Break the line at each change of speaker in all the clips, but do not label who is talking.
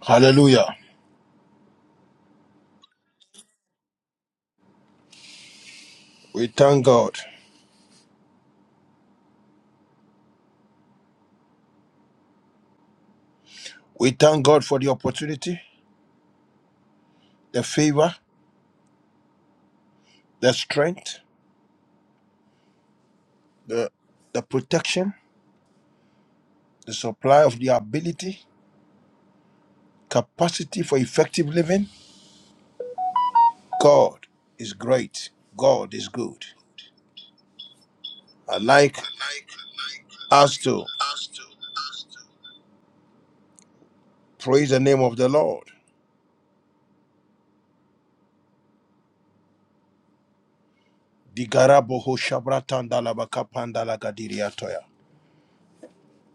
Hallelujah. We thank God. We thank God for the opportunity, the favor, the strength, the, the protection, the supply of the ability, capacity for effective living. God is great. God is good. I like us to praise the name of the Lord. Digaraboho shabratandalabakapandalagadiriatoya.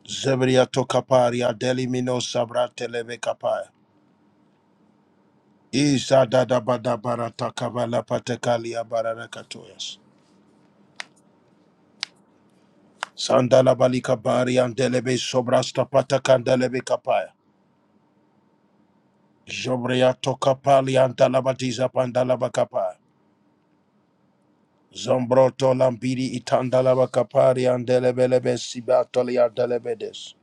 Zebriato kaparia delimino sabratelebekapaya. Ishadadabaratabalapatakaliyabararakatoyas. Sandalabalikabari andelebe sobrastapatakandelebe kapaya. Jobriatokapali antalabatiza pandalabakapaya. Zombroto lambiri itandalabakapari andelebelebe sibatoli andelebedes.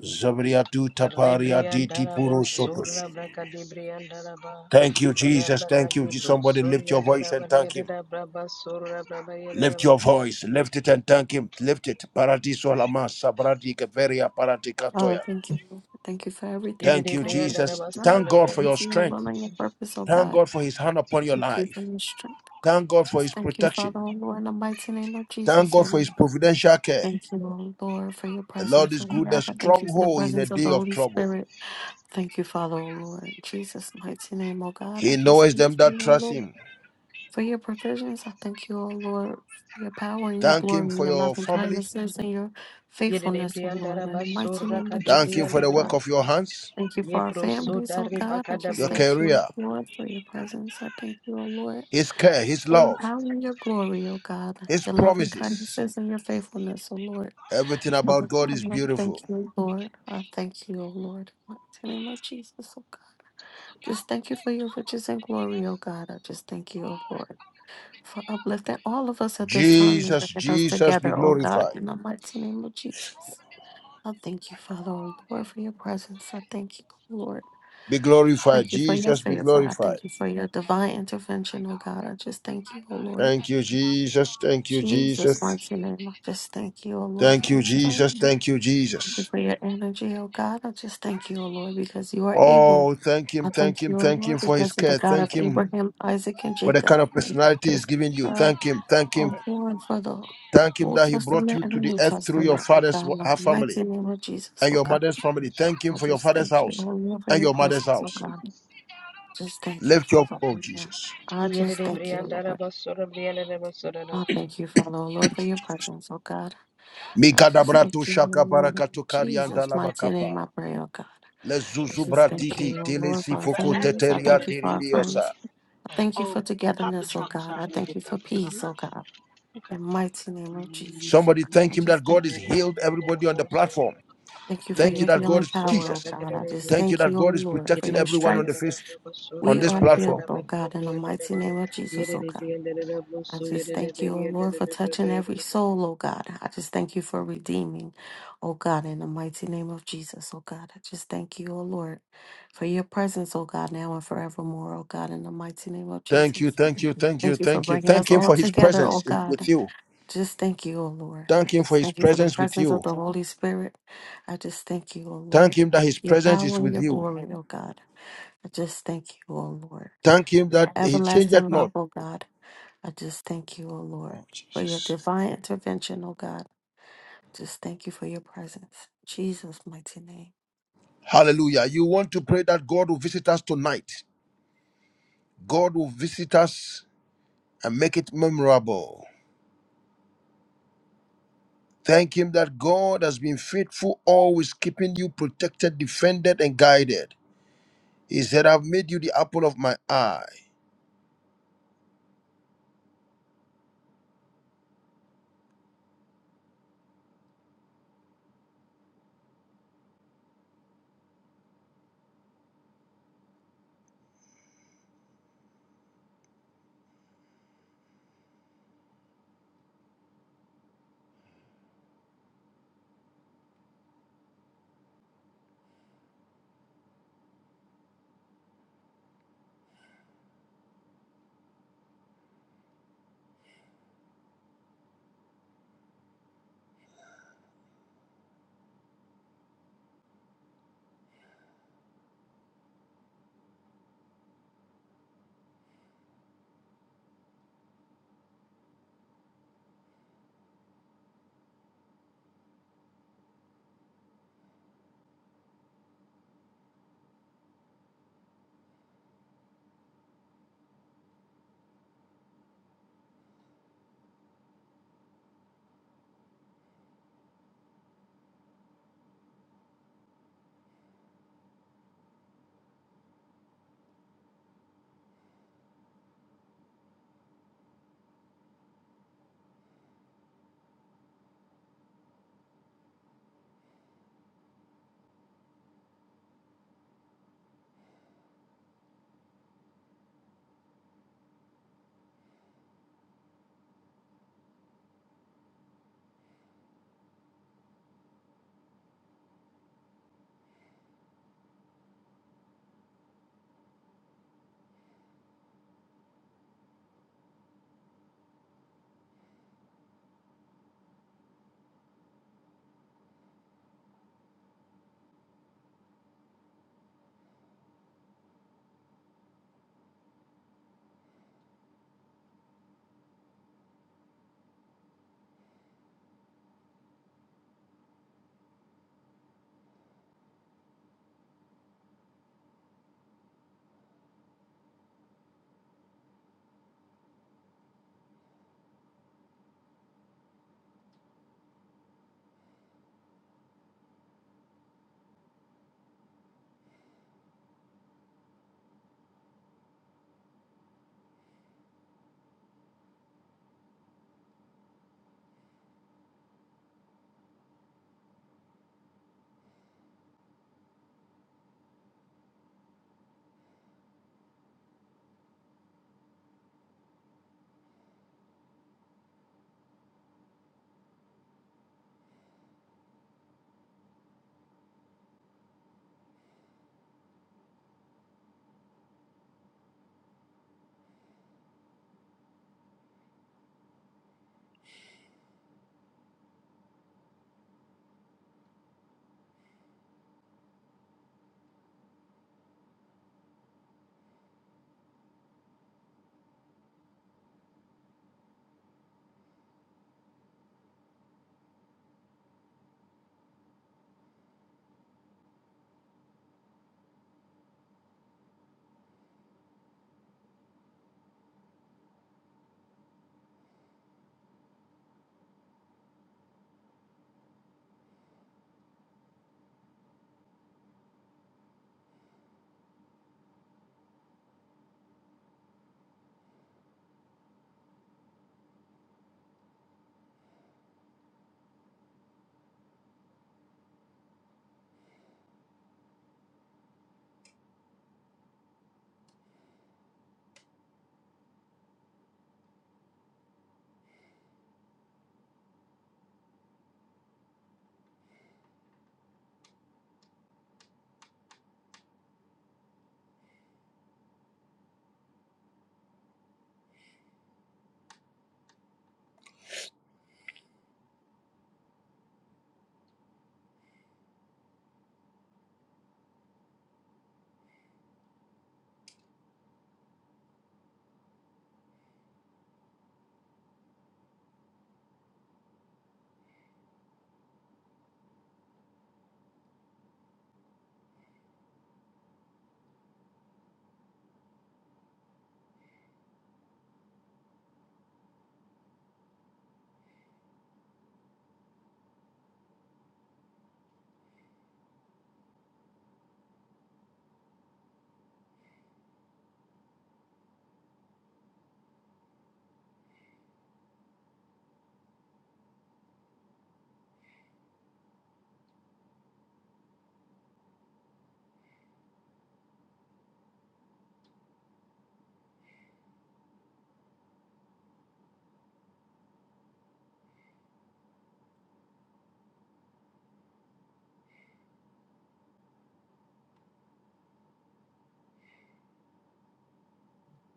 Zobriatu tapari aditi
Rebriandarabo
puru sotos.
Surra Bracadebriandaraba
Thank you, Jesus. Thank you.
Rabracadebro
Somebody lift
Surya
your voice and
Daraba
thank him.
Yadada Braba Surra Braba
Lift
Yadaba
your voice, lift it and thank Him. Lift it. Paradiso lama sabradi keveria parati
Father,
katoya.
thank you. Thank you for everything,
Thank
oh
you,
God. Thank you
Jesus.
Yedibriandaraba
Thank God
Sanabria
for
According
your
to your will
strength.
and your purpose, oh
Thank
God.
God for His hand upon your
Thank you for
life.
your strength, oh God.
Thank God for
Just
His
thank you,
protection.
Father, oh Lord, in the mighty name of
Thank
Jesus, oh
God for His
Lord.
providential care.
Thank you, oh Lord, for your
The Lord
presence,
is
oh
good, a
God. I thank you for the
stronghold in a
presence of
day
the
of
Holy
trouble.
Spirit. Thank you, Father, oh Lord. In Jesus' mighty name, oh God.
He
I just
knows
thank
them
you,
that
oh
trust
Lord.
Him.
For your provisions, I thank you, oh Lord, for your power and your
Thank
glory,
Him
and
for
your
your
loving
family.
kindnesses and your faithfulness, oh Lord, in the
Yedibriandaraba
mighty
Surra
name of
Thank Him
Jesus,
for
O
the
Cadebriandaraba
God.
work of your hands,
Thank you for our
Yebro
families, oh
Sudari
God. I just
your
Bacadabria
thank you,
career,
Lord, for your presence. I thank you, oh Lord,
His care, His
for your
love,
power and your glory, oh God,
His
your loving
promises.
kindnesses and your faithfulness, oh Lord.
Everything about
Father,
God
I
is
love-
beautiful.
thank you, oh Lord. I thank you, oh Lord. In the name of Jesus, oh God. Just thank you for your riches and glory, oh God. I just thank you, oh Lord, for uplifting all of us at this time and
Jesus,
bringing us
Jesus be
together, oh God,
glorified.
in the mighty name of Jesus. I thank you, Father, oh Lord, for your presence. I thank you, Lord.
Be glorified.
Thank you for your
Jesus be
favor. I
glorified.
thank you for your divine intervention, oh God. I just thank you, oh Lord.
Thank you, Jesus. Thank you,
Jesus,
Jesus.
mighty name. I just thank you, oh Lord, for
Thank you,
your strength.
Jesus. Thank you,
Thank you
Jesus.
for your energy, oh God. I just thank you, oh Lord, because you are able.
Oh, thank him,
I
thank
thank
him,
you, oh
thank him
Lord,
for his
because you're the
care.
God of
Thank him
Abraham, Isaac, and
for the
Jacob.
kind of
Thank you
personality he's
Because
giving you.
God,
Thank him, thank him,
I'm born for the
thank him
Old
that he brought
Testament
you
and
to
the
the
New
earth through your
Testament, oh
father's
God.
wa-
In the
her family
mighty name of Jesus,
and
oh
your
God.
mother's family. Thank him
I
for your
just
father's
thank you, oh
house
Lord, for
and
your
your mother's
presence, oh
house.
God. Just thank you,
Lift your
Father.
oh
oh Lord.
Jesus.
I just thank you, Lord.
Yedibriandaraba Surra Briandaraba Surra
I thank you, Father, oh Lord, for your presence, oh God. I just
Mikadabrato
thank you, oh
shaka
Lord. In
barakato karianda
Jesus, mighty
labakapa.
name, I pray, oh God.
Do
I just thank you,
Lezuzubratiti,
oh Lord, for our
telesifoko
families. I
you
teteria
want
thank you
to
for our
diribiosa.
friends. I thank you for togetherness, oh God. I thank you for peace, oh God. In mighty
Yere
name of Jesus, oh
Somebody
God. I
thank him that
just
God is
thank you.
healed everybody on the platform.
Thank you for
Thank you
your
that God
healing
is
power, oh
Jesus.
God. I just
Thank you
thank
that
you, oh
God is
Lord, for
protecting
your
everyone on the
stripes.
face on
We
this
are healed,
platform.
oh God, in the mighty name of Jesus, oh God. I just thank you, O Lord, for touching every soul, O God. I just thank you for redeeming, O God, in the mighty name of Jesus, O God. I just thank you, O Lord, for your presence, O God, now and forevermore, O God, in the mighty name of
Thank you,
Jesus.
thank you, thank you,
Thank you for
thank you.
bringing
Thank
us
him
all
for his
together, O
presence in- with
God.
you.
Just thank you, O Lord. I
Thank him for
just
his
thank you for the
presence with
presence of
you.
the Holy Spirit. I just thank you, O
Thank
Lord,
him that his
your
presence is
power and
with
your
you.
glory, O God. I just thank you, O Lord,
Thank him
for
that
your
he changeth
everlasting
not.
love, O God. I just thank you, O Lord,
Oh
for your
Jesus.
divine intervention, O God. Just thank you for your presence. In Jesus' mighty name.
Hallelujah. You want to pray that God will visit us tonight. God will visit us and make it memorable. Thank Him that God has been faithful, always keeping you protected, defended, and guided. He said, I've made you the apple of my eye.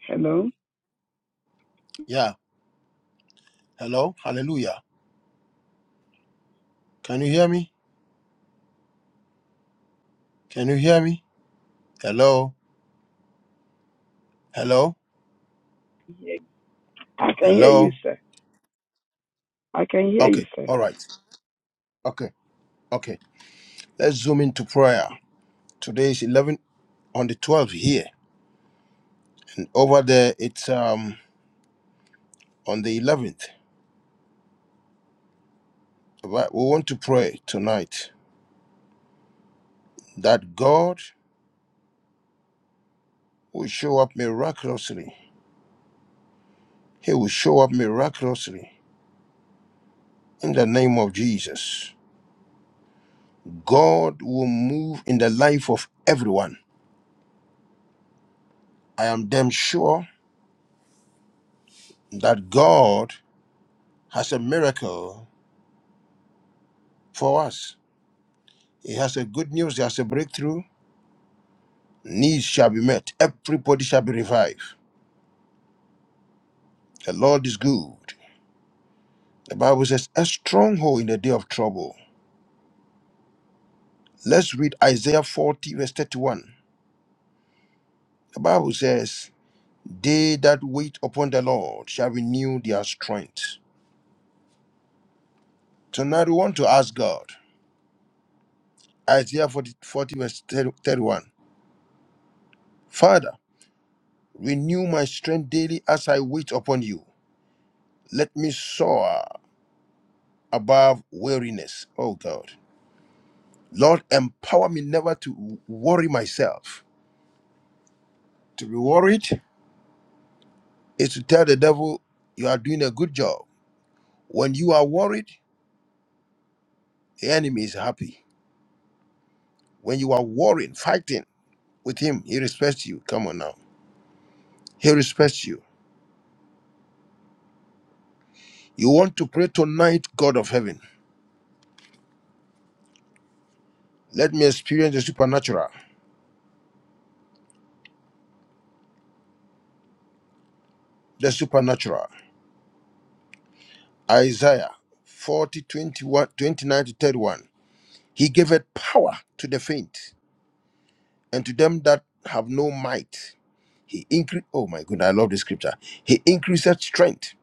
Hello?
Yeah. Hello. Hallelujah. Can you hear me? Can you hear me? Hello. Hello.
I can hear you,
Hello.
sir. I can hear you,
Okay.
sir.
All right. Okay. Okay. Let's zoom into prayer. Today is 11 on the 12th here, and over there it's um on the 11th. All right. We want to pray tonight that God will show up miraculously. He will show up miraculously in the name of Jesus. God will move in the life of everyone. I am damn sure that God has a miracle for us. He has a good news, he has a breakthrough. Needs shall be met, everybody shall be revived. The Lord is good. The Bible says, a stronghold in the day of trouble. Let's read Isaiah 40, verse 31. The Bible says, They that wait upon the Lord shall renew their strength. Tonight we want to ask God, Isaiah 40, forty verse 31. Father, renew my strength daily as I wait upon you. Let me soar above weariness. Oh God. Lord, empower me never to worry myself. To be worried is to tell the devil you are doing a good job. When you are worried, the enemy is happy. When you are worrying, fighting with him, he respects you. Come on now. He respects you. You want to pray tonight, God of heaven. Let me experience the supernatural. The supernatural. Isaiah 40, twenty-one, twenty-nine to 31. He giveth power to the faint and to them that have no might. He increase. Oh my goodness, I love this scripture. He increaseth strength.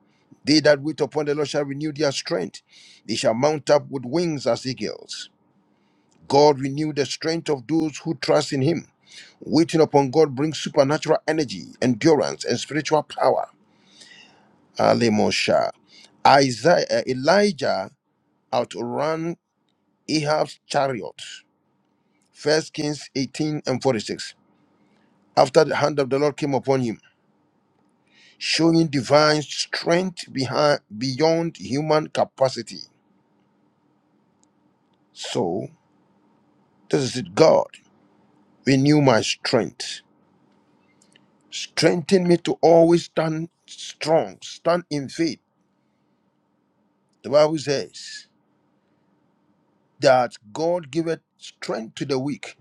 They that wait upon the Lord shall renew their strength. They shall mount up with wings as eagles. God renew the strength of those who trust in him. Waiting upon God brings supernatural energy, endurance, and spiritual power. Alemosha. Isaiah, uh, Elijah outran Ahab's chariot. First Kings 18 and 46. After the hand of the Lord came upon him, showing divine strength behind, beyond human capacity. So, this is it, God. Renew my strength. Strengthen me to always stand strong, stand in faith. The Bible says. that God giveth strength to the weak.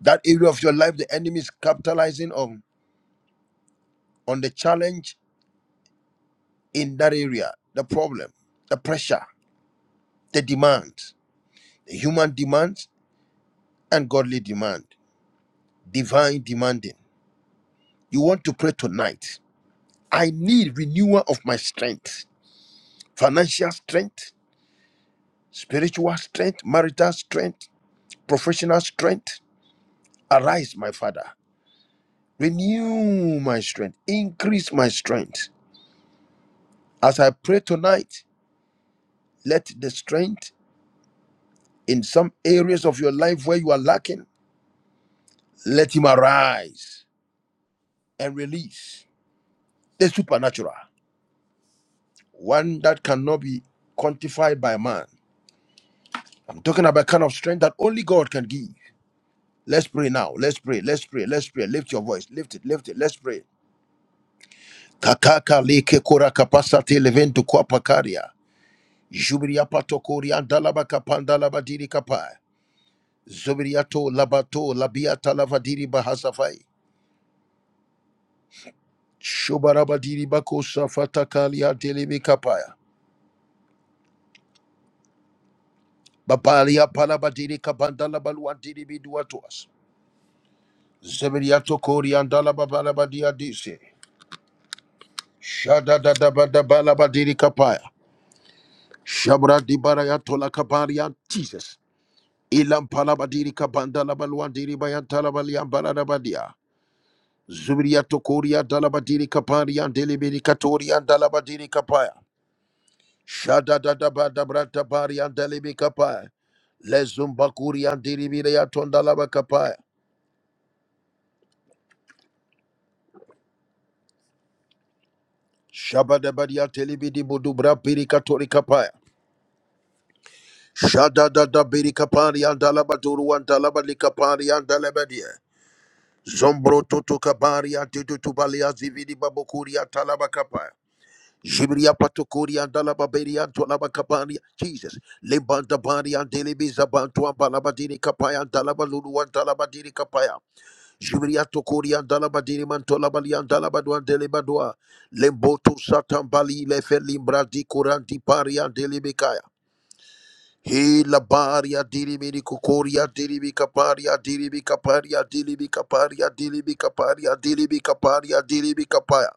That area of your life, the enemy is capitalizing on on the challenge in that area, the problem, the pressure, the demand, the human demand and godly demand, divine demanding. You want to pray tonight. I need renewal of my strength, financial strength, spiritual strength, marital strength, professional strength. Arise, my Father. Renew my strength. Increase my strength As I pray tonight, let the strength in some areas of your life where you are lacking, let him arise and release the supernatural, one that cannot be quantified by man. I'm talking about kind of strength that only God can give. Let's pray now. Let's pray. Let's pray. Let's pray. Lift your voice. Lift it. Lift it. Let's pray. Kakaka leke kora kapasate leventu kwa pakaria. Jubiria patokori andalaba kapandalaba diri kapai. Zubriato labato labiata lavadiri bahasafai. Shobarabadiri bakosa fatakalia delibi kapaya. Babalia palabadiri kabandala baluandiri bidua to us. Zeberiato koriandala babalabadia dise. Shada da da ba da balabadiri kapaya. Shabra di barayatola kabaria Jesus. Ilam palabadiri kabandala baluandiri bayantala balian baladabadia. Zubriato koria dalabadiri kaparia delibi katoria dalabadiri kapaya. Shada da da ba da brata baria delibi kapaya. Lezumbakuri and Diribide Tondalaba Kapaya. Shabadabadia Telibidi Budubra Pirikatori Kapaya. Shada da da Birikapari and Dalabaduru and Dalabalikapari and Dalabadia. Zombro Toto Kabari and Tutubalia Zividi Babokuri and Talabakapaya. Jibria Patokuri and Dalababeri and Tolabakapari. Jesus. Limbanda Bari and Delibi Zabantu and Balabadiri Kapaya and Dalabalulu and Dalabadiri Kapaya. Jubilia Tokoria Dalabadiri Mantolabalian Dalabaduan Delebadua Lemboto Satambali Lefelimbra di Kuranti Paria Delibikaya He Labaria Dirimini Kokoria Diribika Paria Diribika Paria Diribika Paria Diribika Paria Diribika Paria Diribika Paya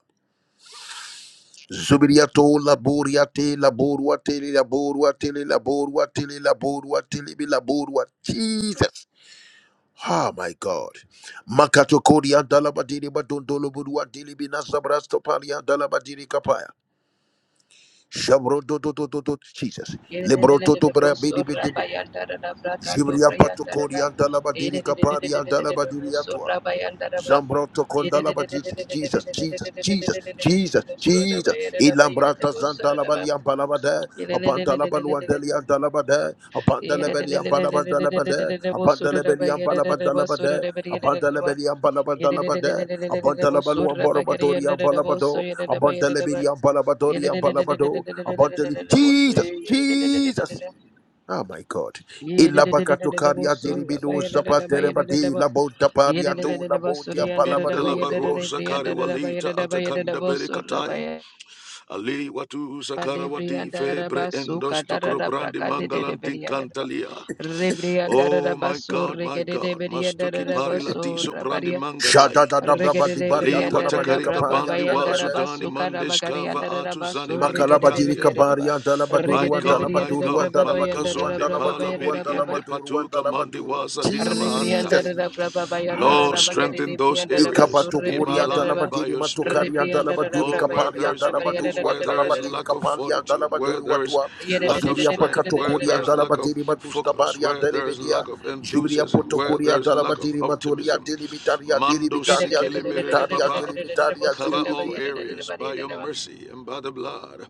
Zubiria to Laboria Te Laborua Tele Laborua Tele Laborua Tele Laborua Tele Laborua Jesus Ah, my God. Makato Kodia Dalabadiri Badondolobudua Dilibina Sabrastopalia Dalabadiri Kapaya. Shabro do do do do do Jesus. Lebro do do bra bidi bidi. Zibria Patokodia Dalabadiri Kaparia Dalabadiri Zambroto Kondalaba Jesus, Jesus, Jesus, Jesus, Jesus, Jesus. Ilambrata Zandalabalian Balabade, Abantalabaluandelian Dalabade,
Yeah,
Abantalabelian Balabandalabade, Abantalabelian Balabandalabade, Abantalabelian Balabandalabade, Abantalabaluan Borobatorian Balabado, Abantalabelian Balabadorian Balabado, Abantali, Jesus, Jesus. Oh my God. Ilabakatokaria dilibidu zapaterebadi labontaparia
Nde,
do labontia palabadu
baru
libros.
zakari walita atakanda berikatai ali watu zakara wadi
Debrianda
febre
Rabasu,
endos
Kadara
brandi
Bracade de
mangalantin
Berianda
kantalia
Rebrianda
Oh my
Rabasu,
God, my
Regede de
God,
Berianda
mastuki pari
Rabasu,
latiso prandi
Rabaria,
Shada
mangadaik.
da da braba
Regede
di
de
baria
Ali
Berianda
talabalika
watakarika
paria
bandi
Rababayanda
dalabade.
wazudani
Rabasu,
mandeshkava
Karabagarianda
atu zani
Rabasu, Regede de
Makalabadiri
manikitanke.
Berianda
kabaria
My
dalabaduru
Regede
and
de
God, my
Berianda
dalabaduru
God,
and
maluka
Rababayanda
dalabaduru and
zonde pala
dalabaduru
biri
Rababayanda
and
inde
Rabay,
dalabaduru and
patuka mandi
dalabaduru.
waza
Rebrianda
dina
Jesus.
Rababayanda
Oh
Lord,
my God.
Rabagade
strengthen
de
those
Brianda
areas
Rabasu,
in my
Ikabatokori
Rebrianda
life
Raba,
by
antalabadiri
your spirit.
matokari
Rebrianda
antalabaduri
Oh, where
Rababayanda
kapari
there is weakness,
antalabaduru
where there is
Rababayanda
antalabadiri
lack of
kapari
fortitude, where
antalabaduru
there is
watua.
Yeah,
lack of
Azubiri
strength, where
apakatokori
there is lack of
antalabadiri
focus,
madustabari
where there is
antelebedia.
lack of
Jubiri
enthusiasm, where
apotokori
there is lack of
antalabadiri maturi
optimism.
antelibitari
Mando
antelibitari
sikele merele
antelibitari
papa.
antelibitari
Cover all
antelibitari
areas by your mercy and by the blood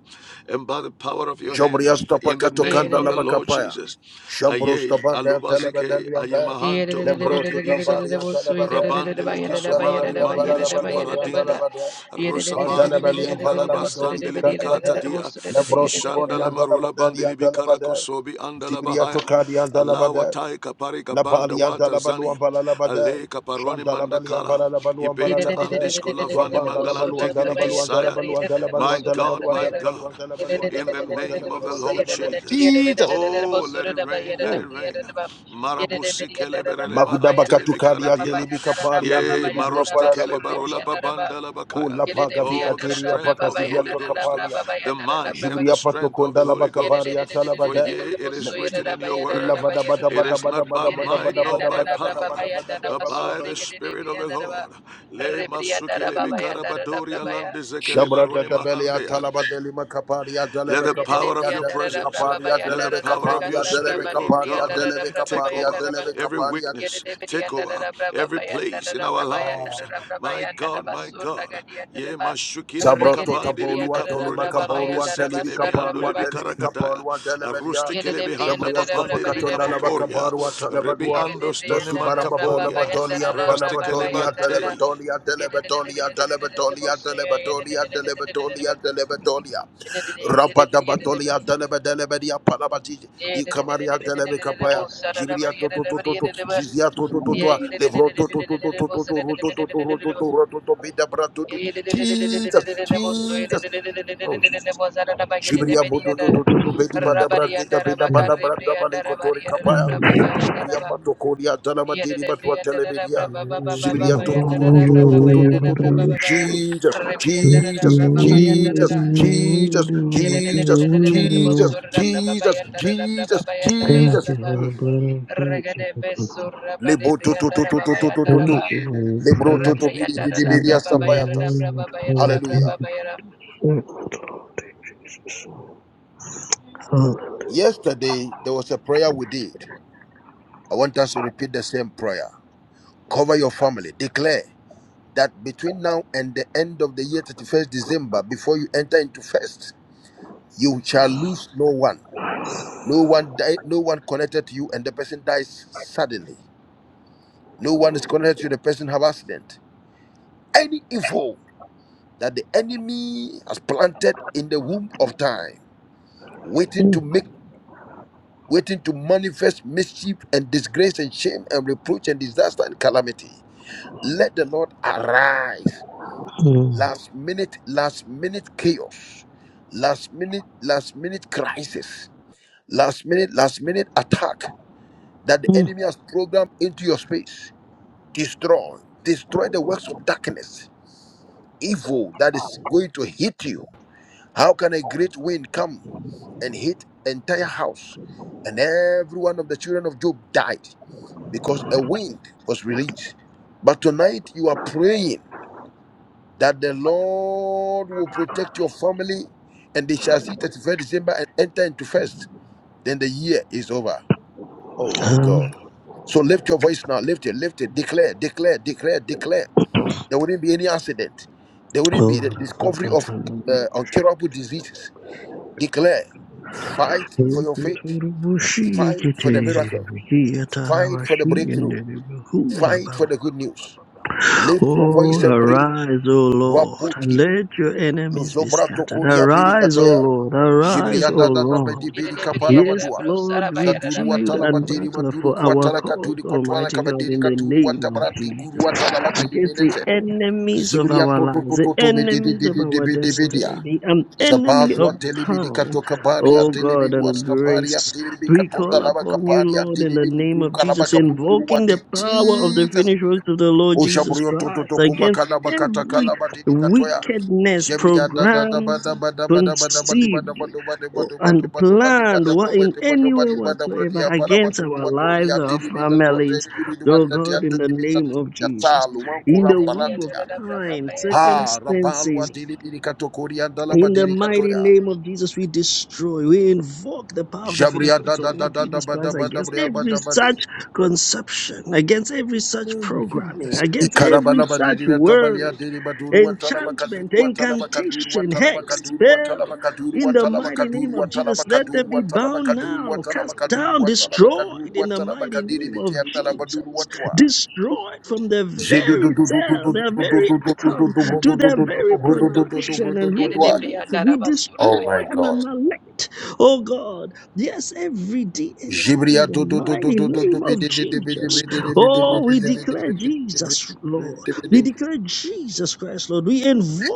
and by the power of your hand
Jomrias
in
tapaka
the name
tokanda
of
la
the Lord
makapaya.
Jesus.
Shambros
Aye,
tabanda
alubazike,
telebendeli
aye
ambe.
mahanto,
Lembro
braki iza,
tutambari antelebade.
rabandele kisumani,
Shanteleberi ambala
mandele
la baderi
skuparadinga,
antelebade.
rosabani mi
Bandelebeli ambala
indala
la badori
bastandele
antelebade.
bikata dia,
Lembro tukori
ishandala marula
antelebaderi
bandeli
antelebade.
bikarako sobi andala
Zibriya
bahaya,
tokadi
alawa
antelebade.
taika parika
La
banda
palianta la
watazani, zani,
baluamba la
ale kaparoni
Shanta la balian
mandakala,
la baluamba la
Yere
Ibeta
de brianda
labada.
andishkola vani
Rabanda la baluanda la
mangalandingini
baluanda la
kisaya.
baluanda la
My
baluanda la
God, my
baluanda la
God,
baluanda la baluanda
in
la
the
baluanda la
name of the
baluanda
Lord Jesus.
Jesus.
Oh, let it rain, let
Mm.
it rain. Marabusi keleberele
Magudaba
mahantele
katukari
mikaradia.
antelibi kapari
Yea,
antelibi dua
marosti
parara
kelebarola
bakuasa.
babanda la bakaya.
Kula paga vika
Oh, the
da da
teria
bra
strength
paka
ba
of
ba
the
zivia
Holy
yanda da
toka
da bra
Ghost,
ba
palia.
ba
the
yanda da da
might
bra
and
ba
the
Jibria pato
strength of the
konda la
Holy
Yere
Ghost.
bakabari atala
For
bada.
yea, it is
La chi.
written in your
Illa
word,
bada bada
it
bada
is
bada
not by
bada bada
might
bada
nor
bada
by
bada bada bada
power,
bada bada
but
bada bada
by the
bada.
Spirit of the Lord. Le masukele be karabadoria lande zekele
Shabra
barone
dadabelia
mahandea.
talabadeli makaparia
Let
delebe
the power
kaparia
of your
delebe
presence,
kaparia
let the
delebe
power of your
kaparia delebe
spirit, oh
kaparia
God,
delebe
take
kaparia
over
delebe
every
kaparia
weakness, take over every place in our lives. My God, my God. Ye mashukini
Sabroto
mikabandi
tabolua
libika poroli
tolima
mahande
kabolua delivi
sekele mi ando
kaparua
libika
delivi
ragadaya.
kaparua delebedia
Arusti kele bihanda
Jabrias
papande libika
kapakatunda laba
poporia.
kabarua
Rebi
Yeah,
telebadua
ando stone
Lesu
Rabarianda Rabakar
barababa
mantaporia.
labadolia
Raste kele
balabadolia
batei.
telebatolia telebatolia telebatolia telebatolia telebatolia telebatolia Rabadabatolia delebedelebedia palabati di kamaria delebe kapaya jibria to to to to to zizia to to to to levro to to to to to to to roto to to roto to roto to bida brato to Jesus Jesus oh Jesus Jibria bodo do do do do bedi
Thank
bada brandi da beda
you for the
bada branda bali
Rebrianda
kotori
Rabarianda
kapaya.
Rababa
Jibria
Yandaraba
pato koria tala madiri batwa
Yada
telemedia. Jibria to to to to to to to to to to to. Jesus, Jesus, Jesus, Jesus, Jesus, Jesus, Jesus, Jesus, Jesus. Mm.
blood of Jesus. Thank
Lebo to to to to to to to to to.
you for your
Lebro to to bidi di
precious
di bidi
sacrifice. Lord for
asapayatas. Hallelujah.
Thank you for the Lord Jesus. Hallelujah.
Yesterday there was a prayer we did. I want us to repeat the same prayer. Cover your family. Declare that between now and the end of the year, 31st December, before you enter into first, you shall lose no one. No one died, no one connected to you, and the person dies suddenly. No one is connected to you, the person have accident. Any evil that the enemy has planted in the womb of time, waiting to make waiting to manifest mischief and disgrace and shame and reproach and disaster and calamity. Let the Lord arise
Mm,
last minute, last minute chaos, last minute, last minute crisis, last minute, last minute attack that the
mm,
enemy has programmed into your space. Destroy, destroy the works of darkness, evil that is going to hit you. How can a great wind come and hit entire house, and every one of the children of Job died because a wind was released? But tonight you are praying that the Lord will protect your family, and they shall see 31st December and enter into first. Then the year is over. Oh my God.
mm.
So lift your voice now. Lift it, lift it. Declare, declare, declare, declare. There wouldn't be any accident. There wouldn't be the discovery of uh, incurable diseases. Declare. Fight for your faith. Fight for the miracle. Fight for the breakthrough.
Over
Fight
the
for the good news. Lift your
Oh,
voice and pray.
arise, O Lord, and let your enemies be
Lozombra
scattered.
tokoria
Arise, O
berikatoya.
Lord, arise,
Jibria
O
da da da
Lord.
bedi berika pala
Yes,
vadua.
Lord, with
Zaduru
shield
watala
and
badiri
buckler
manduru
for our
kwatala
cause,
kaduri kwatwala
Almighty God,
kabadiri
in the
kaduru
name of
watabrati
Jesus
guru watala badiri
against the
menete.
enemies of
Zibria
our
toto
lives, the
toto to mede de
enemies
de
of
de de
our
de de bedia.
destiny, the um, enemy
Zabatwa
of
telebidi
time.
katoka baria
Oh God
telebidi
and
wasta baria
grace,
telebidi
we
katonda
call
lava
upon you,
kaparia
Lord, in the
telebidi
name of
kuka lava
Jesus,
kabunturu
invoking the
wate.
power of the
Jesus
finished works of the Lord Jesus
Ushabriyo toto
Christ
toko
against
makala bakata
every
kala badiri katoya.
wickedness
Jebria da da da ba
programmed.
da ba da ba da ba da ba di ba da
Conceived
ba do ba de ba
oh,
do ba
and
do ba do ba di ba
planned
da
wha-
ba ba
in
di ba do
any
ba
way
di ba da bro di
whatsoever
apa la ba
against
duru
our
wa toli
lives,
ya
our
diri bi da tuwa te
families,
duri di ba
Oh
ta ti ya
God, in the
duri bi ta ti
name of
ya
Jesus.
salu wa
In
kuram
the womb of
balantia.
time,
Ha rabalu wa
circumstances
diri bi di kato kori ya da la ba
in the
diri
mighty
katoya.
name of Jesus, we destroy, we invoke the power of the finished
Jabria da
works
da da
of
da da
Jesus
ba da
Christ
ba da
against
bria ba
every
da ba di.
such conception, against every such programming, against every
Ikarabala
such
diri watabalia
word,
diri baduru watala bakaduru
enchantment,
watala bakaduru
incantation,
watala
hex,
bakaduru watala
spell.
bakaduru
In the
watala
mighty
bakaduru
name of
watala
Jesus, let them
bakaduru
be
watala
bound
bakaduru
now,
watala
cast
bakaduru
down,
watala bakaduru
destroyed in the
watala
mighty
bakadiri
name of
biti atala baduru
Jesus,
watwa.
destroyed from the
Jedu du
very
du du du du du du du
cell,
du
their very atom to
du
their very
du du
production and
du du
reproduction. We destroy
Oh my
and
God.
annihilate, oh God, yes, every DNA
Jibria
in the
do do do do
mighty
do
name of Jesus. Oh, we declare Jesus, Lord.
do
We
do
declare Jesus Christ, Lord. We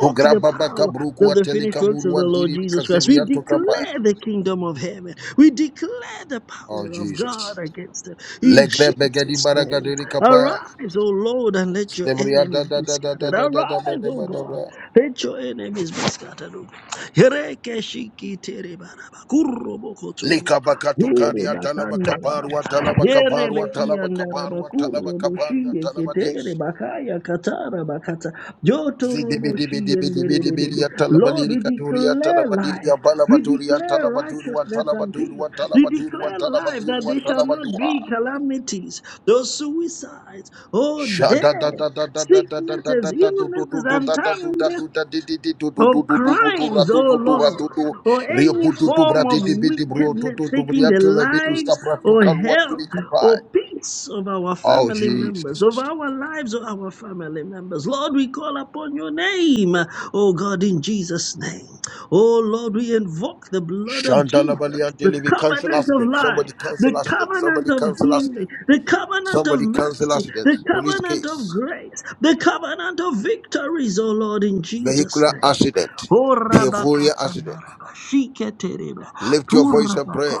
Oh,
the
grababa
power
kabruku
of the finished
atelika
works of the
muruan
Lord
diri
Jesus Christ. We
kaziviato kapaya.
declare the kingdom of heaven. We declare the
Oh,
power of God
Jesus.
against them in
Legre begedi
Jesus' name.
baragadiri kapaya.
Arise, O Lord, and let your
Zevria da
enemies
da
be
da da da
scattered.
da da da ba
Arise,
da
O
ba da
God,
ba.
let your enemies be scattered. O God. Yereke shiki tere baraba, kurro boko toro,
Lika bakato
here
karia talaba
bakanda
kabarwa
rababa,
talaba
here
kabarwa
beki
talaba
anda raba,
kabarwa talaba
kurro
kabarwa
boshiye
talaba dis.
ketere bakaya katara bakata, joto robo
Zidibi dibi
shiye
dibi dibi dibi
nderererere.
diya talaba
Lord, we
lirika duriya
declare
talaba
life,
diriya balaba
we
duriya
declare
talaba duruwa
righteousness
talaba
and peace.
duruwa
We
talaba duruwa
declare
talaba
life that
duruwa
there shall
talaba
not be
duwa.
calamities, those suicides, oh
Sha
death,
da da da da da da da da da
sicknesses,
da da do do do
illnesses,
do
and
da da do
time
da do da di di di do do do
or
do do do do ra
crimes,
do
oh
do do ra do
Lord,
do
or
rio
any
bu do do bra
form
di
of
di bi di bro do
wickedness
do do
taking
bria
the
to le bi do sta
lives
pra to
or
kalwa tu
health
ni kapai.
or peace of our
Oh
family members, of
Jesus.
our lives or our family members. Lord, we call upon your name, oh God, in Jesus' name. Oh Lord, we invoke the blood of
Shandala balian
Jesus, the
we cancel
covenant of
accident. Somebody
life,
cancel
the
accident.
covenant
Somebody
of
cancel
healing,
accident.
the covenant of
Somebody cancel
mercy,
accident.
the
Police
covenant of
case.
grace, the covenant of victories, oh Lord, in Jesus'
Vehicular
name.
accident. Behavioral accident.
Orabakatandaraba, shiketereba,
Lift your voice and pray.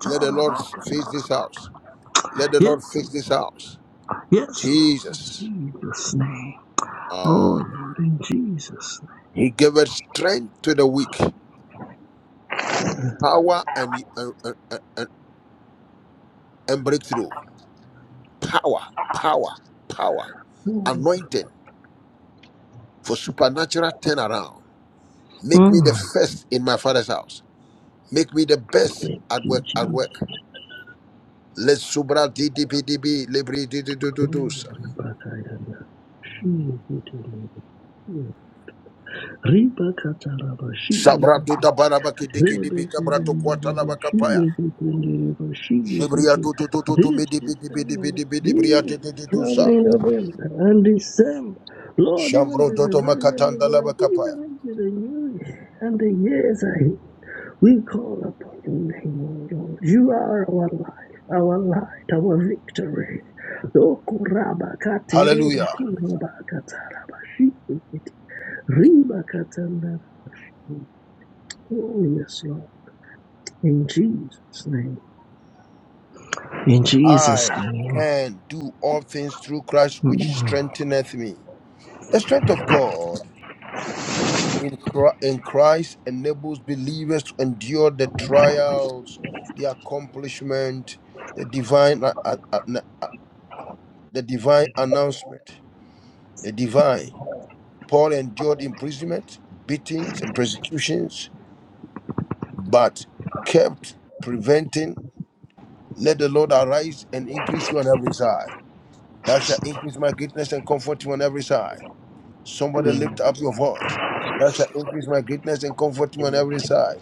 Let the Lord face this house. Let the
Yes,
Lord fix this house.
yes, Lord.
Jesus.
In Jesus' name.
Uh,
Oh, Lord, in Jesus' name.
he giveth strength to the weak, power and, and, and, and and breakthrough. Power, power, power.
Oh,
Anointing for supernatural turnaround. Make me the
mm.
first in my father's house. Make me the best
thank
at
you,
work. At work.
Jesus.
Let subra di di bi di bi libri di di du du
Oh,
dus.
Rabakayana, shiketereba, oh, Ribakataraba, shiketereba.
Sabra du da barabaki
She
di ki
is
di
it
bi
in
kabra tu kwata la baka
she is it
Shibria tu tu tu tu tu
this
midi bidi bidi
December,
bidi bidi bria tu
this
tu tu tu sa.
coming November and December. Lord, even
Shambro
the
toto
November, and November,
makatanda laba kapaya.
even into the new year and the years ahead, we call upon your name, O Lord. You are our life, our light, our victory. Okuraba katereba
Hallelujah.
kuraba kataraba shi- Riba katanda. Oh yes, Lord. In Jesus' name. In Jesus'
I
name.
can do all things through Christ which
Mm.
strengtheneth me. The strength of God in Chri- in Christ enables believers to endure the trials, the accomplishment, the divine a- a- a- na- a- the divine announcement, the divine. Paul endured imprisonment, beatings, and persecutions but kept preventing, let the Lord arise and increase you on every side. Thou shalt increase my greatness and comfort you on every side. Somebody lift
Amen.
up your voice. Thou shalt increase my greatness and comfort you on every side.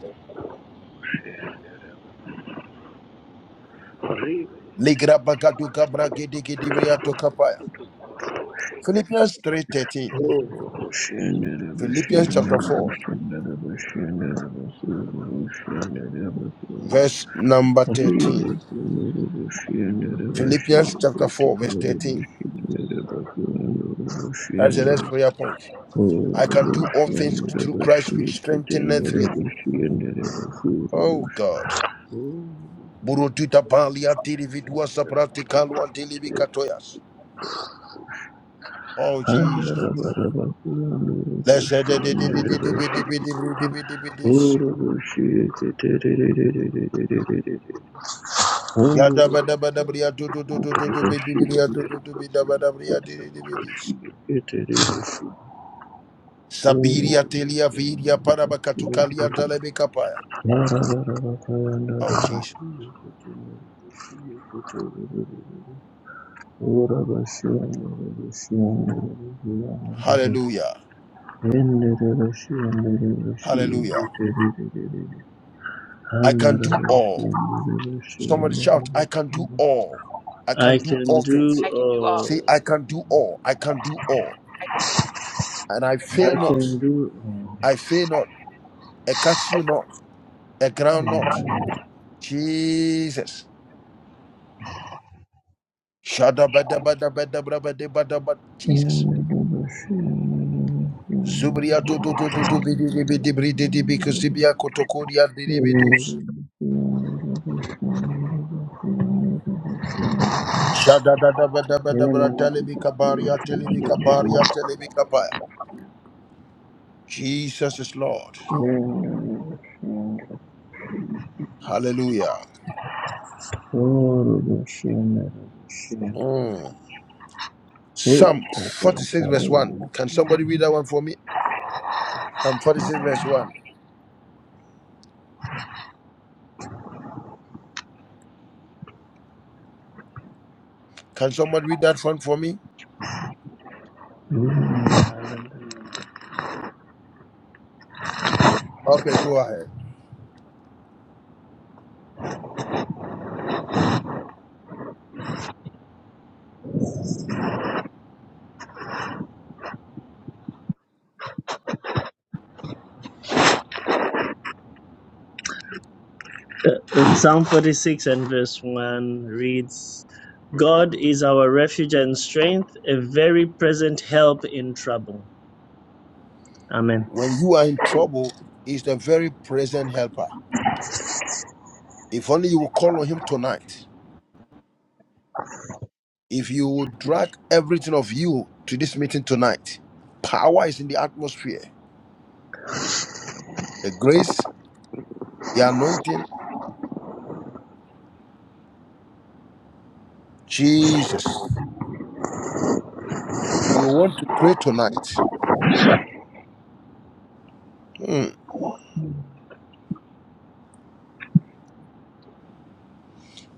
Ligrabagadugabra-gidigidibriyatokapaya. Philippians 3:13.
oh,
Philippians chapter 4, verse number 13. Philippians chapter 4, verse 13. That's the next prayer point. I can do all things through Christ which strengtheneth me. Oh God. Burutita palia tirividua sapraticalu antilibicatoyas. Oh
Thank you.
Jesus. Let's say the the the the the the the the the the the this. Yada bada bada bria tu tu tu tu tu tu bidi bria tu tu tu bida bada bria di di di bidis. Sabiria telia viria parabakatukalia dalebekapaya. Oh Jesus. Hallelujah. Hallelujah.
I
I
can do all.
can do all. Somebody shout, I can do all. I can do all things. Say, I can do all. I can do all. and I
I
fail not.
can do
I fail not. I catch you not. I ground not. Jesus. Shada Shadabadabadabadabadabadabad- Jesus. Zubria do do do do do bidi bidi bidi bidi because zibia kotokoria bidi bidus.
all.
Shadadadabadabadabra telebika baria telebika baria telebika paya. Jesus is Lord. Hallelujah. Mm. Psalm 46 verse 1. Can somebody read that one for me? Psalm 46 verse 1. Can someone read that one for me?
Oh,
Okay, go ahead.
Uh, In Psalm 46 and verse 1 reads, God is our refuge and strength, a very present help in trouble. Amen.
When you are in trouble, he's the very present helper. If only you will call on him tonight, if you will drag everything of you to this meeting tonight, power is in the atmosphere. The grace, the anointing, Jesus. You want to pray tonight. Hmm.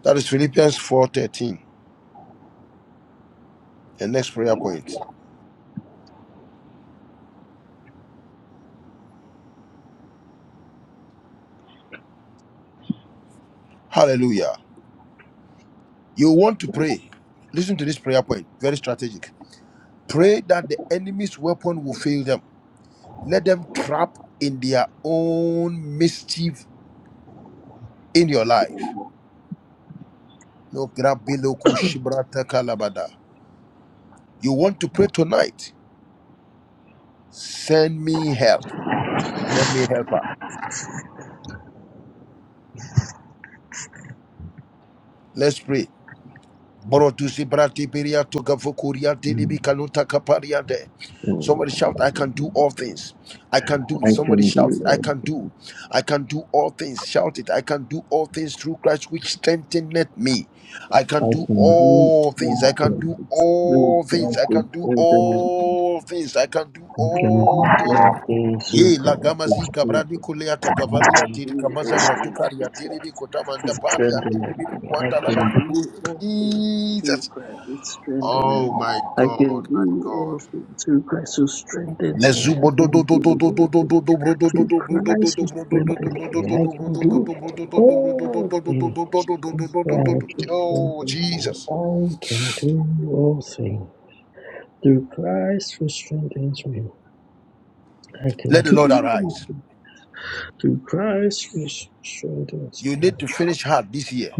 That is Philippians 4:13. The next prayer point. Hallelujah. You want to pray. Listen to this prayer point. Very strategic. Pray that the enemy's weapon will fail them. Let them trap in their own mischief in your life. No grabiloku shibrata kalabada. You want to pray tonight? Send me help. Send me helper. Let's pray. Boroduzi brati biria to gavukuria dilibi kaluta kaparia de.
So
Somebody shout, I can do all things. I can do it.
I
Somebody
can
shout,
do
I can
it.
do. I can do all things. Shout it. I can do all things through Christ which strengtheneth me. I can
I
do
can do
all things. I can do
things through
all things. I
Christ
can
who
do
strengthens me.
all things. I can do
I can do
all things.
all things through
Ye la
Christ who
gamazi
strengthens me.
gabradi kuleata
You can do all
gavalua tiri kamaza
things
bratukari ya
through
tiribi
Christ who
kotamanda pali ya
strengtheneth
tiribi
me. I
dukwanda
can
laba
do
kaduri. Jesus. Oh my God, my
all
God.
things through Christ who strengtheneth me. I
Lezubo do do
can
do
do
do do
all
do do do
things
do bro do do
through
do bro do do
Christ
do
who
bro do do
strengthens
do
me.
bro do
I can
do do
do
bro do do do
all
bro do do
things
do bro do do do do do do do
through
do do do do
Christ who strengthens
do.
me.
Oh
I
Jesus.
can do all things through Christ who strengthens me. I can
Let the
do
Lord
all
arise.
things through Christ who strengthens me. I can do all things through Christ who strengthens
You
me.
need to finish hard this year.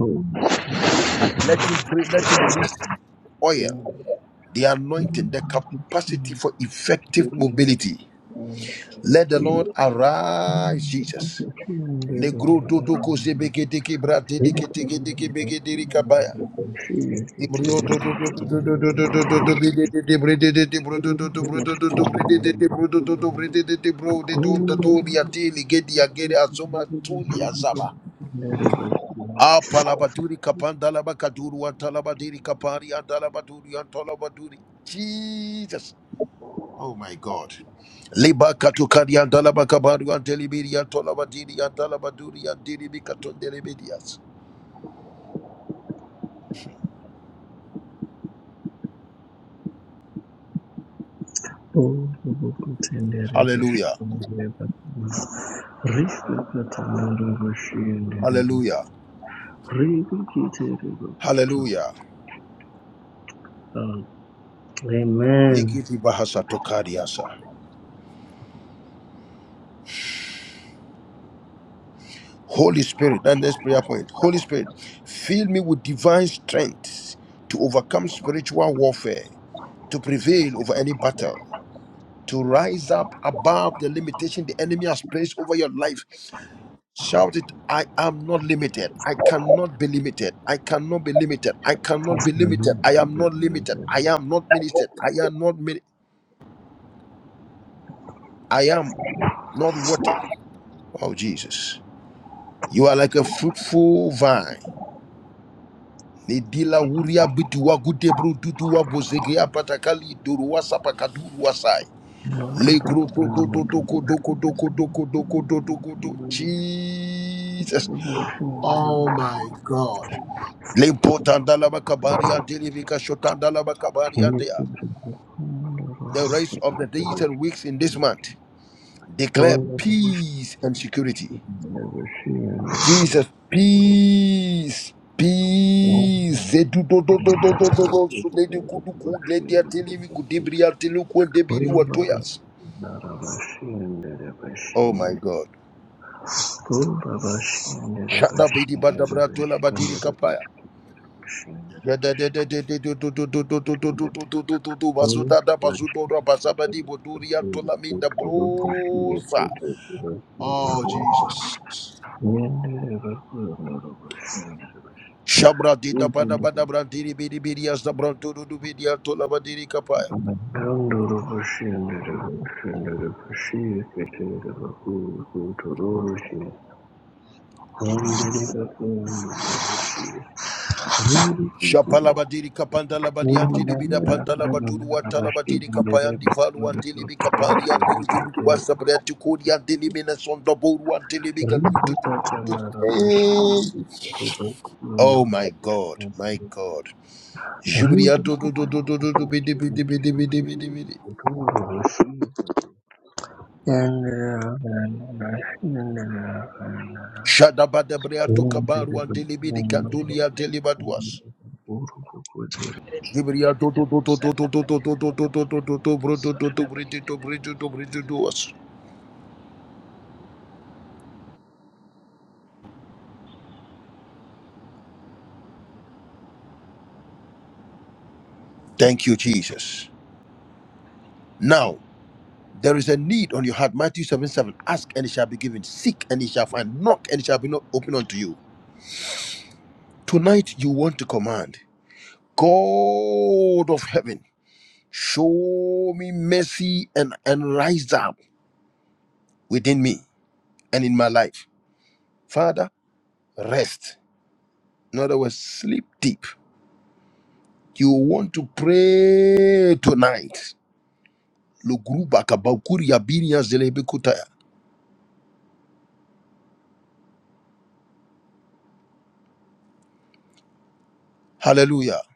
Let him pray. Let him release oil. the anointing, the capacity for effective mobility. Let the Lord arise, Jesus. Negro do do ko zebeke teke brate deke teke deke beke deri kabaya. Ibrio do do do do do do do do do do do be de de de bre de de de bro do do do bro do do do bre de de de bro do do do bre de de de bro de do do do ri ati li ge di agere azoma tuli azaba. Apalabaturi kapandalaba kaduru antalaba diri kapari andalaba duri antalaba duri. Jesus. Oh my God. Liba katukari andala bakabaru antelibiri antola badiri andala baduri andiri bikatondele bidias. Hallelujah. Hallelujah. Hallelujah.
Amen.
Nikiti bahasa tokariasa. Holy Spirit, and this prayer point. Holy Spirit, fill me with divine strength to overcome spiritual warfare, to prevail over any battle, to rise up above the limitation the enemy has placed over your life Shout it. I am not limited. I cannot be limited. I cannot be limited. I cannot be limited. I am not limited.
Amen.
I am not ministered. I am not min- I am not watered. Oh Jesus. You are like a fruitful vine. Nidila wuria bituwa gudebru dutuwa bozegea patakali duruwa sapakaduruwa wasai.
Thank
Legro do do do doko doko doko doko doko do doko do. Jesus. Oh my God. Limpotandalabakabaria delivika shotandalabakabariandea. The rest of the days and weeks in this month declare peace and security. Jesus, peace, peace. Zedudododododododo, suledukuduku, lediatilivikudibria tilukwendebiri watoyas. Oh my God. Shadabidibadabratolabadiri kapaya. Oh,
you. Thank
Jesus. Shabra dita pada pada brantiri biri biri as da brantu dudu biri antola badiri kapaya. Shapala badiri kapanda la badi antiri bida pantala baduru antala badiri kapaya antifalu antili bi kapari antili vidu kwasa breti kuri antili mina sonda boru antili bi gadu du- du- Eh. Oh my God,
you.
my God.
Thank
Jubria do do do do do do do bidi bidi bidi bidi bidi bidi. Shadabada breatu kabaru antelibidi kandulia telibaduas. Jubria
Yet
do do do do do do do do do do do do do do do bro do do do bridi do bridi do bridi duas. Thank you, Jesus. Now there is a need on your heart. Matthew 7 7. Ask and it shall be given. Seek and it shall find. Knock and it shall be not open unto you. Tonight you want to command. God of heaven, show me mercy and, and rise up within me and in my life. Father, rest. In other words, sleep deep. You want to pray tonight. Lugruba kabakuri abiria zelebe kutaya. Hallelujah.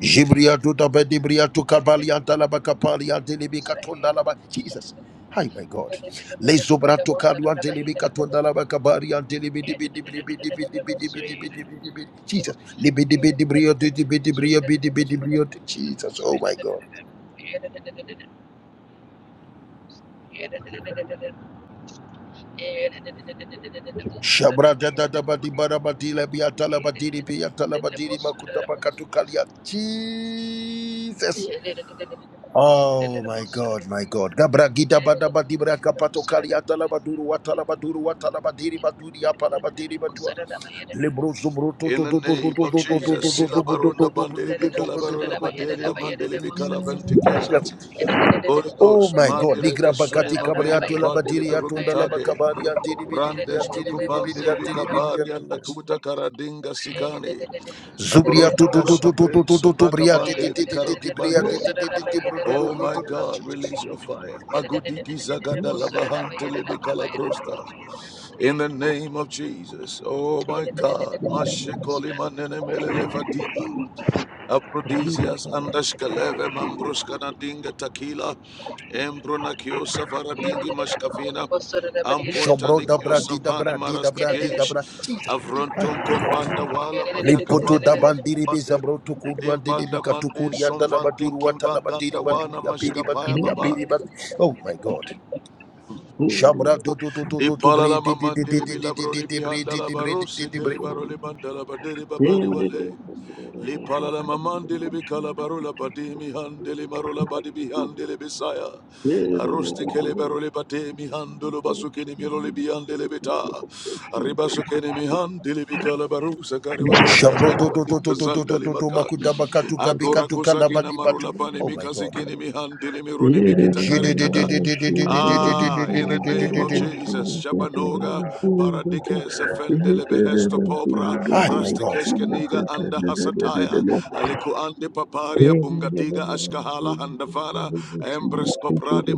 Jibria duda bedibria tu kabalia dalaba kapalia delibi katonda laba. Jesus. Hi, my God. Le zobra to kadua delibi katonda laba kabaria delibi dibi dibi dibi dibi dibi dibi dibi dibi dibi. Jesus. Libi dibi dibrio dibi dibrio dibi dibrio. Jesus. Oh, my God. Shabra da da da ba di ba da ba di la bi ya ta la ba di di bi ya ta la ba di di ma ku ta ba ka tu ka li ya. Jesus.
In the name of Jesus, Sila Baronda Bandeli Bikalabarola Badelia Mandeli Bikalabantikesa, Holy Ghost, Mandele Besunema Mena, Bandeli Rubitake, Brandes to Kubandeli Bikapari and Takuta Karadinga Sikani, Aborosha Shapre, Sopraka Bandeli Bikaroki Bande. Oh my God, release your fire. Magudiki Zagada Lavahantele Bikalabrosta. In the name of Jesus, oh my God, Mashekoli Manene Melele Fatima. Aprodisias andashkaleve mambroskana dinga takila embrona kiosa varadingi mashkafina amponta
Shombro
nikio
dabra di
savani
dabra di dabra di
marastigesh
dabra. Jesus.
avronton
Ay, my God.
kombanda wala
Limpoto
matakabandi
da bandiri be
ribande,
zabro to kudu and
dimpanda
delibi
mandin
katukuri and
somvantin
dalabaduru
kimbanganda
watalabadiri
wana
baduri apiri
mashkapaya
baduri
baba
apiri bad. Oh my God. Shabra do do do do do do
ipalala
bre di di di di
mamandili
di di di di
bilabroni
di bre di
bihandala
di bre di
barosi
di di bre.
kelibaro libandala baderi babari wale Li palala mamandele be kalabarula bade mi handele marula bade bi handele besaya. Arusti kele barule bade mi handulu basukini milole bi handele beta. Ribasukini mi handele bi kalabarusa kariwale la
Shabro do do
barubadi
do do do do do
sandali
do do
maka.
makudaba katu gabi
Akora
katu
kusaki na
kalabadi batu.
marula bane
Oh
mi
my God.
you.
kasikini mi handele mi rune mi
Yeah.
Je di
kitakari
di
kada
di di di di di di di di
Ah,
di di
in the
di di
name of
di di di.
Jesus, Shabanoga, Baradikes, Fendele behesto Popra,
Ay, my God.
Prastikeshkaniga, and Hasataya, Aleku Andi Paparia, Bungadiga, Ashkahala, Handavara, Empress Copradi,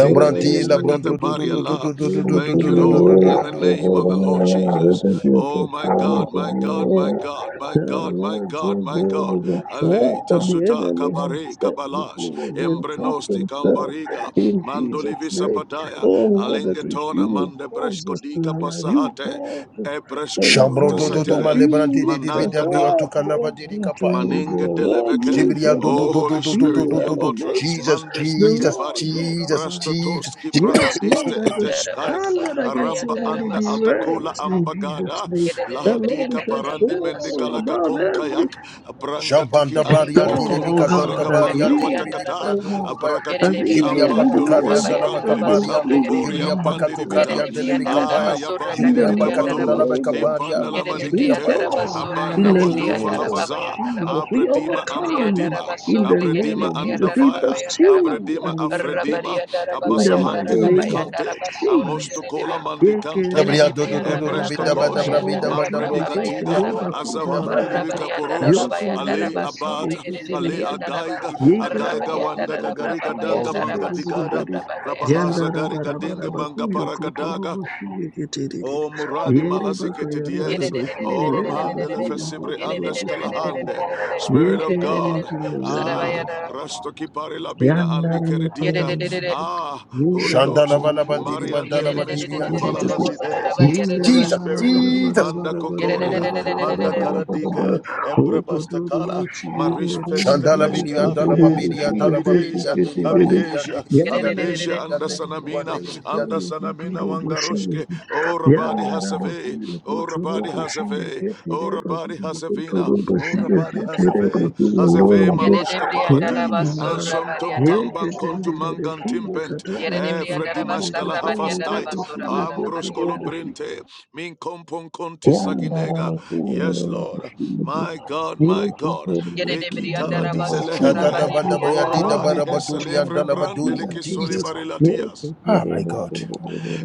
The
la
Nikista
enemy
bronto tu tu
Kataparia,
tu tu
has
La.
tu tu tu tu tu
Thank you,
tu tu tu
Lord,
tu tu
in
tu
the
tu.
name of the Lord Jesus. Oh, my God, my God, my God, my God, my God, my God. Ale, Tasuta, Kabare,
set
Kabalash,
before us and trapped
Embrenosti,
himself
Kambariga,
in Jesus'
Mandolivi
name.
Sapataya,
Oh Lord, that is you
Alengetona,
who
Mande
calls
Breshko
us to
Diga
arise. You
Pasahate,
calls us
Ebresko
Lord, to
Shambro tu tu
arise.
tu
That
Protasatile,
male
you
branti di di
lift
bi
us up.
dabri
Manangada
otu kalaba
Oh,
di di
what
kapa.
will we do?
Maninga
Lord, you
deleveke.
will
Zibria tu tu
Oh,
promote.
tu tu
Holy
tu tu
You
tu
Spirit,
will
tu
your
tu tu.
elevate.
utterance.
Jesus
The
Mandiste
Jesus
Lord
kefari.
God
Jesus
Almighty.
Jesus.
Brastotoski pra
Yes, Lord,
adiste
that the
eteshkaik.
standard against sin
Aramba
only
anda
be
altakula
raised in Jesus'
ambagada.
name. That, Lord, we
Lahadika
shall
parandi
soar
mendikalaka
above every
konkayak. Branga tiki
Shampanda
Yere de
anda
baria di di
storm,
briandara
bi
oh
kakondo
kasanta
bareka
God,
basurra
as
baria
gade
banda
di di bi
leaves,
di
briandara
watakata.
bria
ba.
oh
tu tu tu baya.
Yere
God, as
de
Abrakatiki
Jibria
eagles,
briandara
with the
rabra
ambandulu
patokaria
baba
dalaba
as
wasipandi
yandara
eagles,
kaparia.
as
libikambo
basurra gade
eagles
pori
briya.
Jibria
wings,
ambandi
as
Yere
libita.
pakatokaria
de
the
delebi
briandara
eagles
da
wings.
kapaya.
Aya
basurra
bandi
In
gade
the
Jibria
briandara
mighty
libikapalo.
ba.
pakatondalaba
name of
kaparia.
Dimpanda la
Yere
Jesus,
de
we
Jibria pat
manikite.
briandara
soar
basurra
in
Abanda
the
gade
walufa
name
briandara
of
baba
habaza.
yandara ba.
Jesus. We
Abredima
Re
overcome
briandara
Ambredima,
in the
basurra gade
name
de
Abredima
of Jesus.
briandara
We
baba
Andavaya,
yandara ba.
pursue
Abredima
and we overtake
Rabari
Afredima,
yandara baba
in the mighty
yandara
Abasahanti
Jesus.
baba
name of
yandara
Nimikante,
basurra gade
Jesus.
de
Amostokola
be.
Mandikantayak,
Yekereba
Gabriel
Yerede
do do do do
priyandara
do
kurabaka
bida
prabha
bada
Eprestokosh,
bra bida
bayandara
yambalaba
bada bro
shinde
prabha
bidi bida
Mambrenikatiga,
bayandara
bro
ba.
ketereba
do do bida bra
Azawandi
kurabaka
bidu
ta
bidu bida
Rabariyandara
Libikaporos,
do do
babayandara
Ale
yokureba
ba
do do
Abad,
shinde
surre
do
gerede
Ale
ketenderere
priyandara ba.
Agaiga,
do do do do do.
Agaiga
yekereba
Wanda
Rabariyandara
kuraba
prabha
Gagariga
shinde
Oh
Danga
bayandara
Jesus.
ba
Mangadigada,
surra
ketenderere
prabha bayandara.
Rabahaza
yandaraba
Garika Dingi
rabaraba
Manga
kuyo
Paragadaga.
koturubu shinde keterere
O Muradi
yereba
Malazikete Dies,
kayandaraba
Yerede
shinde
O
ndereba
Ramhandele
kuyo
Fesibre Andash
koturubu shinde
Kalahande,
keterere
Spirit of
yekereba
God,
Yerede Sara
Ah,
kayandaraba
bayandara.
Rastoki Labina Andi Kerediga,
Yerede
Ah, Holy
Shandala
Ghost,
bala bandiri
Marian
bandala
Delemes
bandiri ah,
Kulifala
Jesus
Yerede Sara
Hazides,
Jesus
bayandara
Holy
ba.
Jesus
Spirit,
Jesus.
Manda Kokoria, Manda
Yerede
Karadike, Emperor Bastakala, Marish Feste
Shandala
Peshka
bili andala
Havides,
babidi andala babidi
Havides,
andiri bandiri
Havidesia,
andiri bidi andiri
Havidesia
Yerede
bidi andiri bidi
Andasanamina,
andiri bidi and.
Andasanamina Wangaroshke O Rabadi Hasave, O Rabadi Hasave, O Rabadi Hasavina, O
Sara ba.
Rabadi Hasave, Hasave
Yerede
Manushka
priyandara
Paladi,
ba
and
Yandara
surra
Somtum
bariyanda.
Kamban Kontu
Yeketenderere
Mangan
kiye
Timpent,
Yes,
katandara bashiye
Efredimashkala
ketenderere
Hafastite,
okuyo kotu
Ambros
dobushi.
Kolobrinte, Min Kompon Konti
Yo
Saginega.
robo
Yes, Lord, my God, my God, Leki Tala
Shadada
Dizelehefe,
bada bria
O
dida
Rabadi
bara baduni
Hesalevrim
andala baduni ah,
Randeleke
Jesus.
Solibarilla dias.
Ah my God.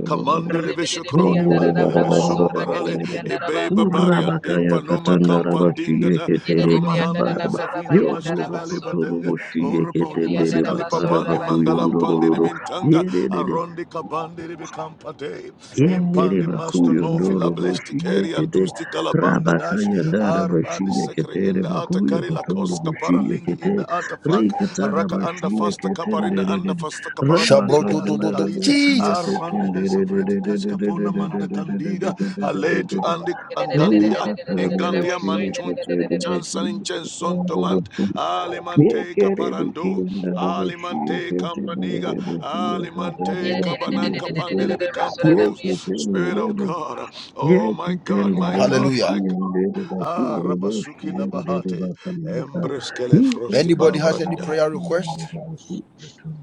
Kamandele Veshokrodi Mandele Vesumbarale Ebeba Bari and Dempanuma Kampandingada Arumahanden Savina Mashkahale
kotoro
Vadenga
boshi
Orapodi
yeketendere
Pasikali
bakara
Papani Mangalam Pandini
bakuyondororo
Mintanka Arondi Kapandi Bikampate
Yendere
Impandi Master
bakuyo
Nofi
ndoro
La Blesti
boshige
Keri and
kete
Dusti Kalabanga Dash
rabakaya ndara
Arbadi
bashige
Sekre
ketere
in the
bakuyo
Atakari La
kotoro
Koska
boshige
Paralingi
kete
in the Atafak
rikatara
Raka anda
bashige
fasta
kete
kaparinda
ndere
anda
ndere
fasta kaparaka
Shabro
dingi
do
rabakaya
as
do
the
do
ndara
do
Kalit.
bashige
Jesus.
kete
Armande
ndere ndere
Hesafreti
ndere ndere ndere
Kashkapona
ndere ndere
Mandakandiga
ndere ndere
Aletu
ndere
Andi Angandia
rikatara
Ingandia
bashige
Manchun
kete ndere
Chansan Chenson
ndere
Tomant
ndere
Alimante
Yekerebeki
Caparando
andarabashi
Alimante Campaniga
yeketemerebehi
Alimante
yakatarabashi
Cabananca
yekete
Pandelebi Camporos Spirit of
yeketemereba
God Oh my God my God
yeketemerebashi
my
Hallelujah.
God
yenderebaki
Ah
urodoshi
Rabasuki Labahate
yenderebakaminata
Embreskele Frosty
Anybody has any
Babradia
prayer
yekatamarabashi
request?
yenderebaki yatum.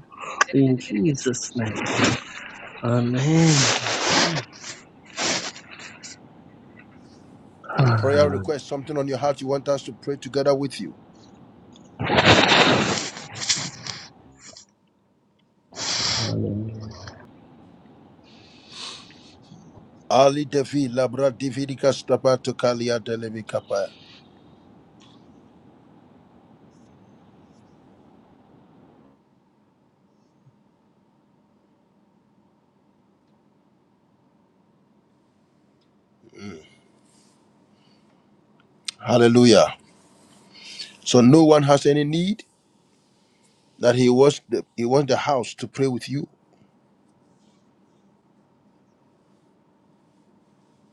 In Jesus' name, Amen.
Prayer
Ah,
request, something on your heart you want us to pray together with you.
Hallelujah.
Ali Devi Labra Dividika Stapato Kalia Delevi Kapaya. Hallelujah. So no one has any need that he wants the, he wants the house to pray with you.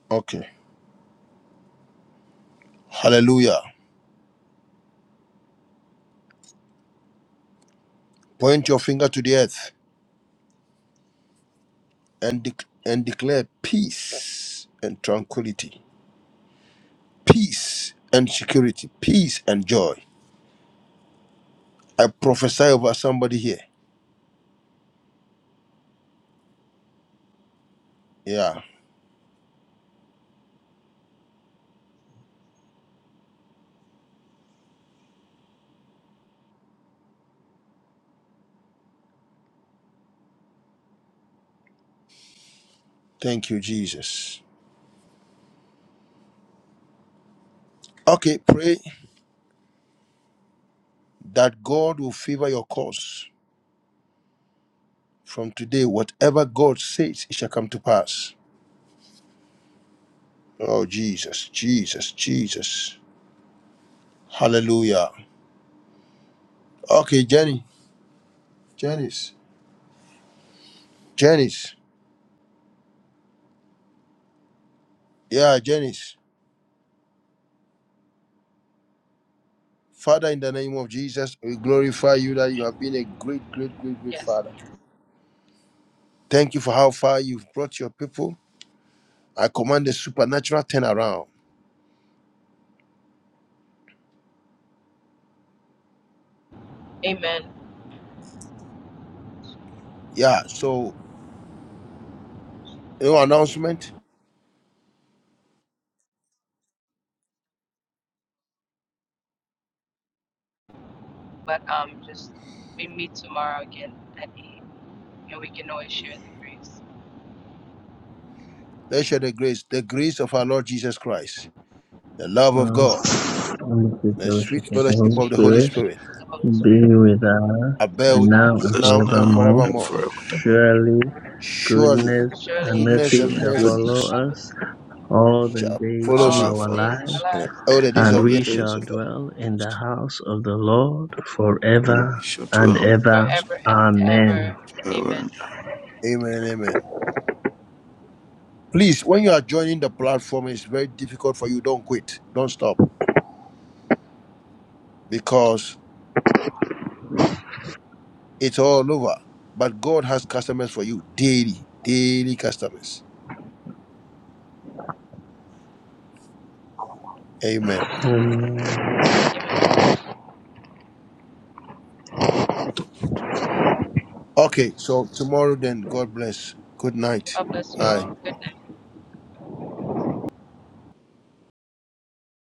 Okay. Hallelujah. Point your finger to the earth and dec and declare peace and tranquility, peace and security, peace and joy. I prophesy over somebody here. Yeah. Thank you, Jesus. Okay, pray that God will favor your cause. From today, whatever God says, it shall come to pass. Oh, Jesus, Jesus, Jesus. Hallelujah. Okay, Jenny, Janice, Janice. Yeah, Janice. Father, in the name of Jesus, we glorify you that you have been a great, great, great, great father. Thank you for how far you've brought your people. I command a supernatural turnaround.
amen.
Yeah, so, no announcement?
But um, just we meet tomorrow again at 8 and we can always share. that.
Let's share the grace, the grace of our Lord Jesus Christ, the love of
Um,
God,
and the free
the sweet
fellowship of the
fellowship
Holy
of the Holy
Spirit
Spirit,
be with us
abide
now
is
with
and
us
now and
now
forevermore.
and
forevermore.
forever
Surely
Surely
goodness and
goodness
mercy
and
showing
shall
mercy
follow
goodness
us all the
shall
days
She
follow
of
shall
me
our
follow
life,
us
and all the days
and
all
of the
the
we
end.
days
shall
of our
dwell in the
lives,
house of the Lord
and we
forever
shall
and
dwell in the
ever.
house
Amen.
forever
Amen and amen. Please, when you are joining the platform, it's very difficult for you. Don't quit. Don't stop. Because it's all over. But God has customers for you daily, daily customers. Amen.
Amen.
Okay, so tomorrow then, God bless. Good night.
God bless you
Bye.
all. Good night.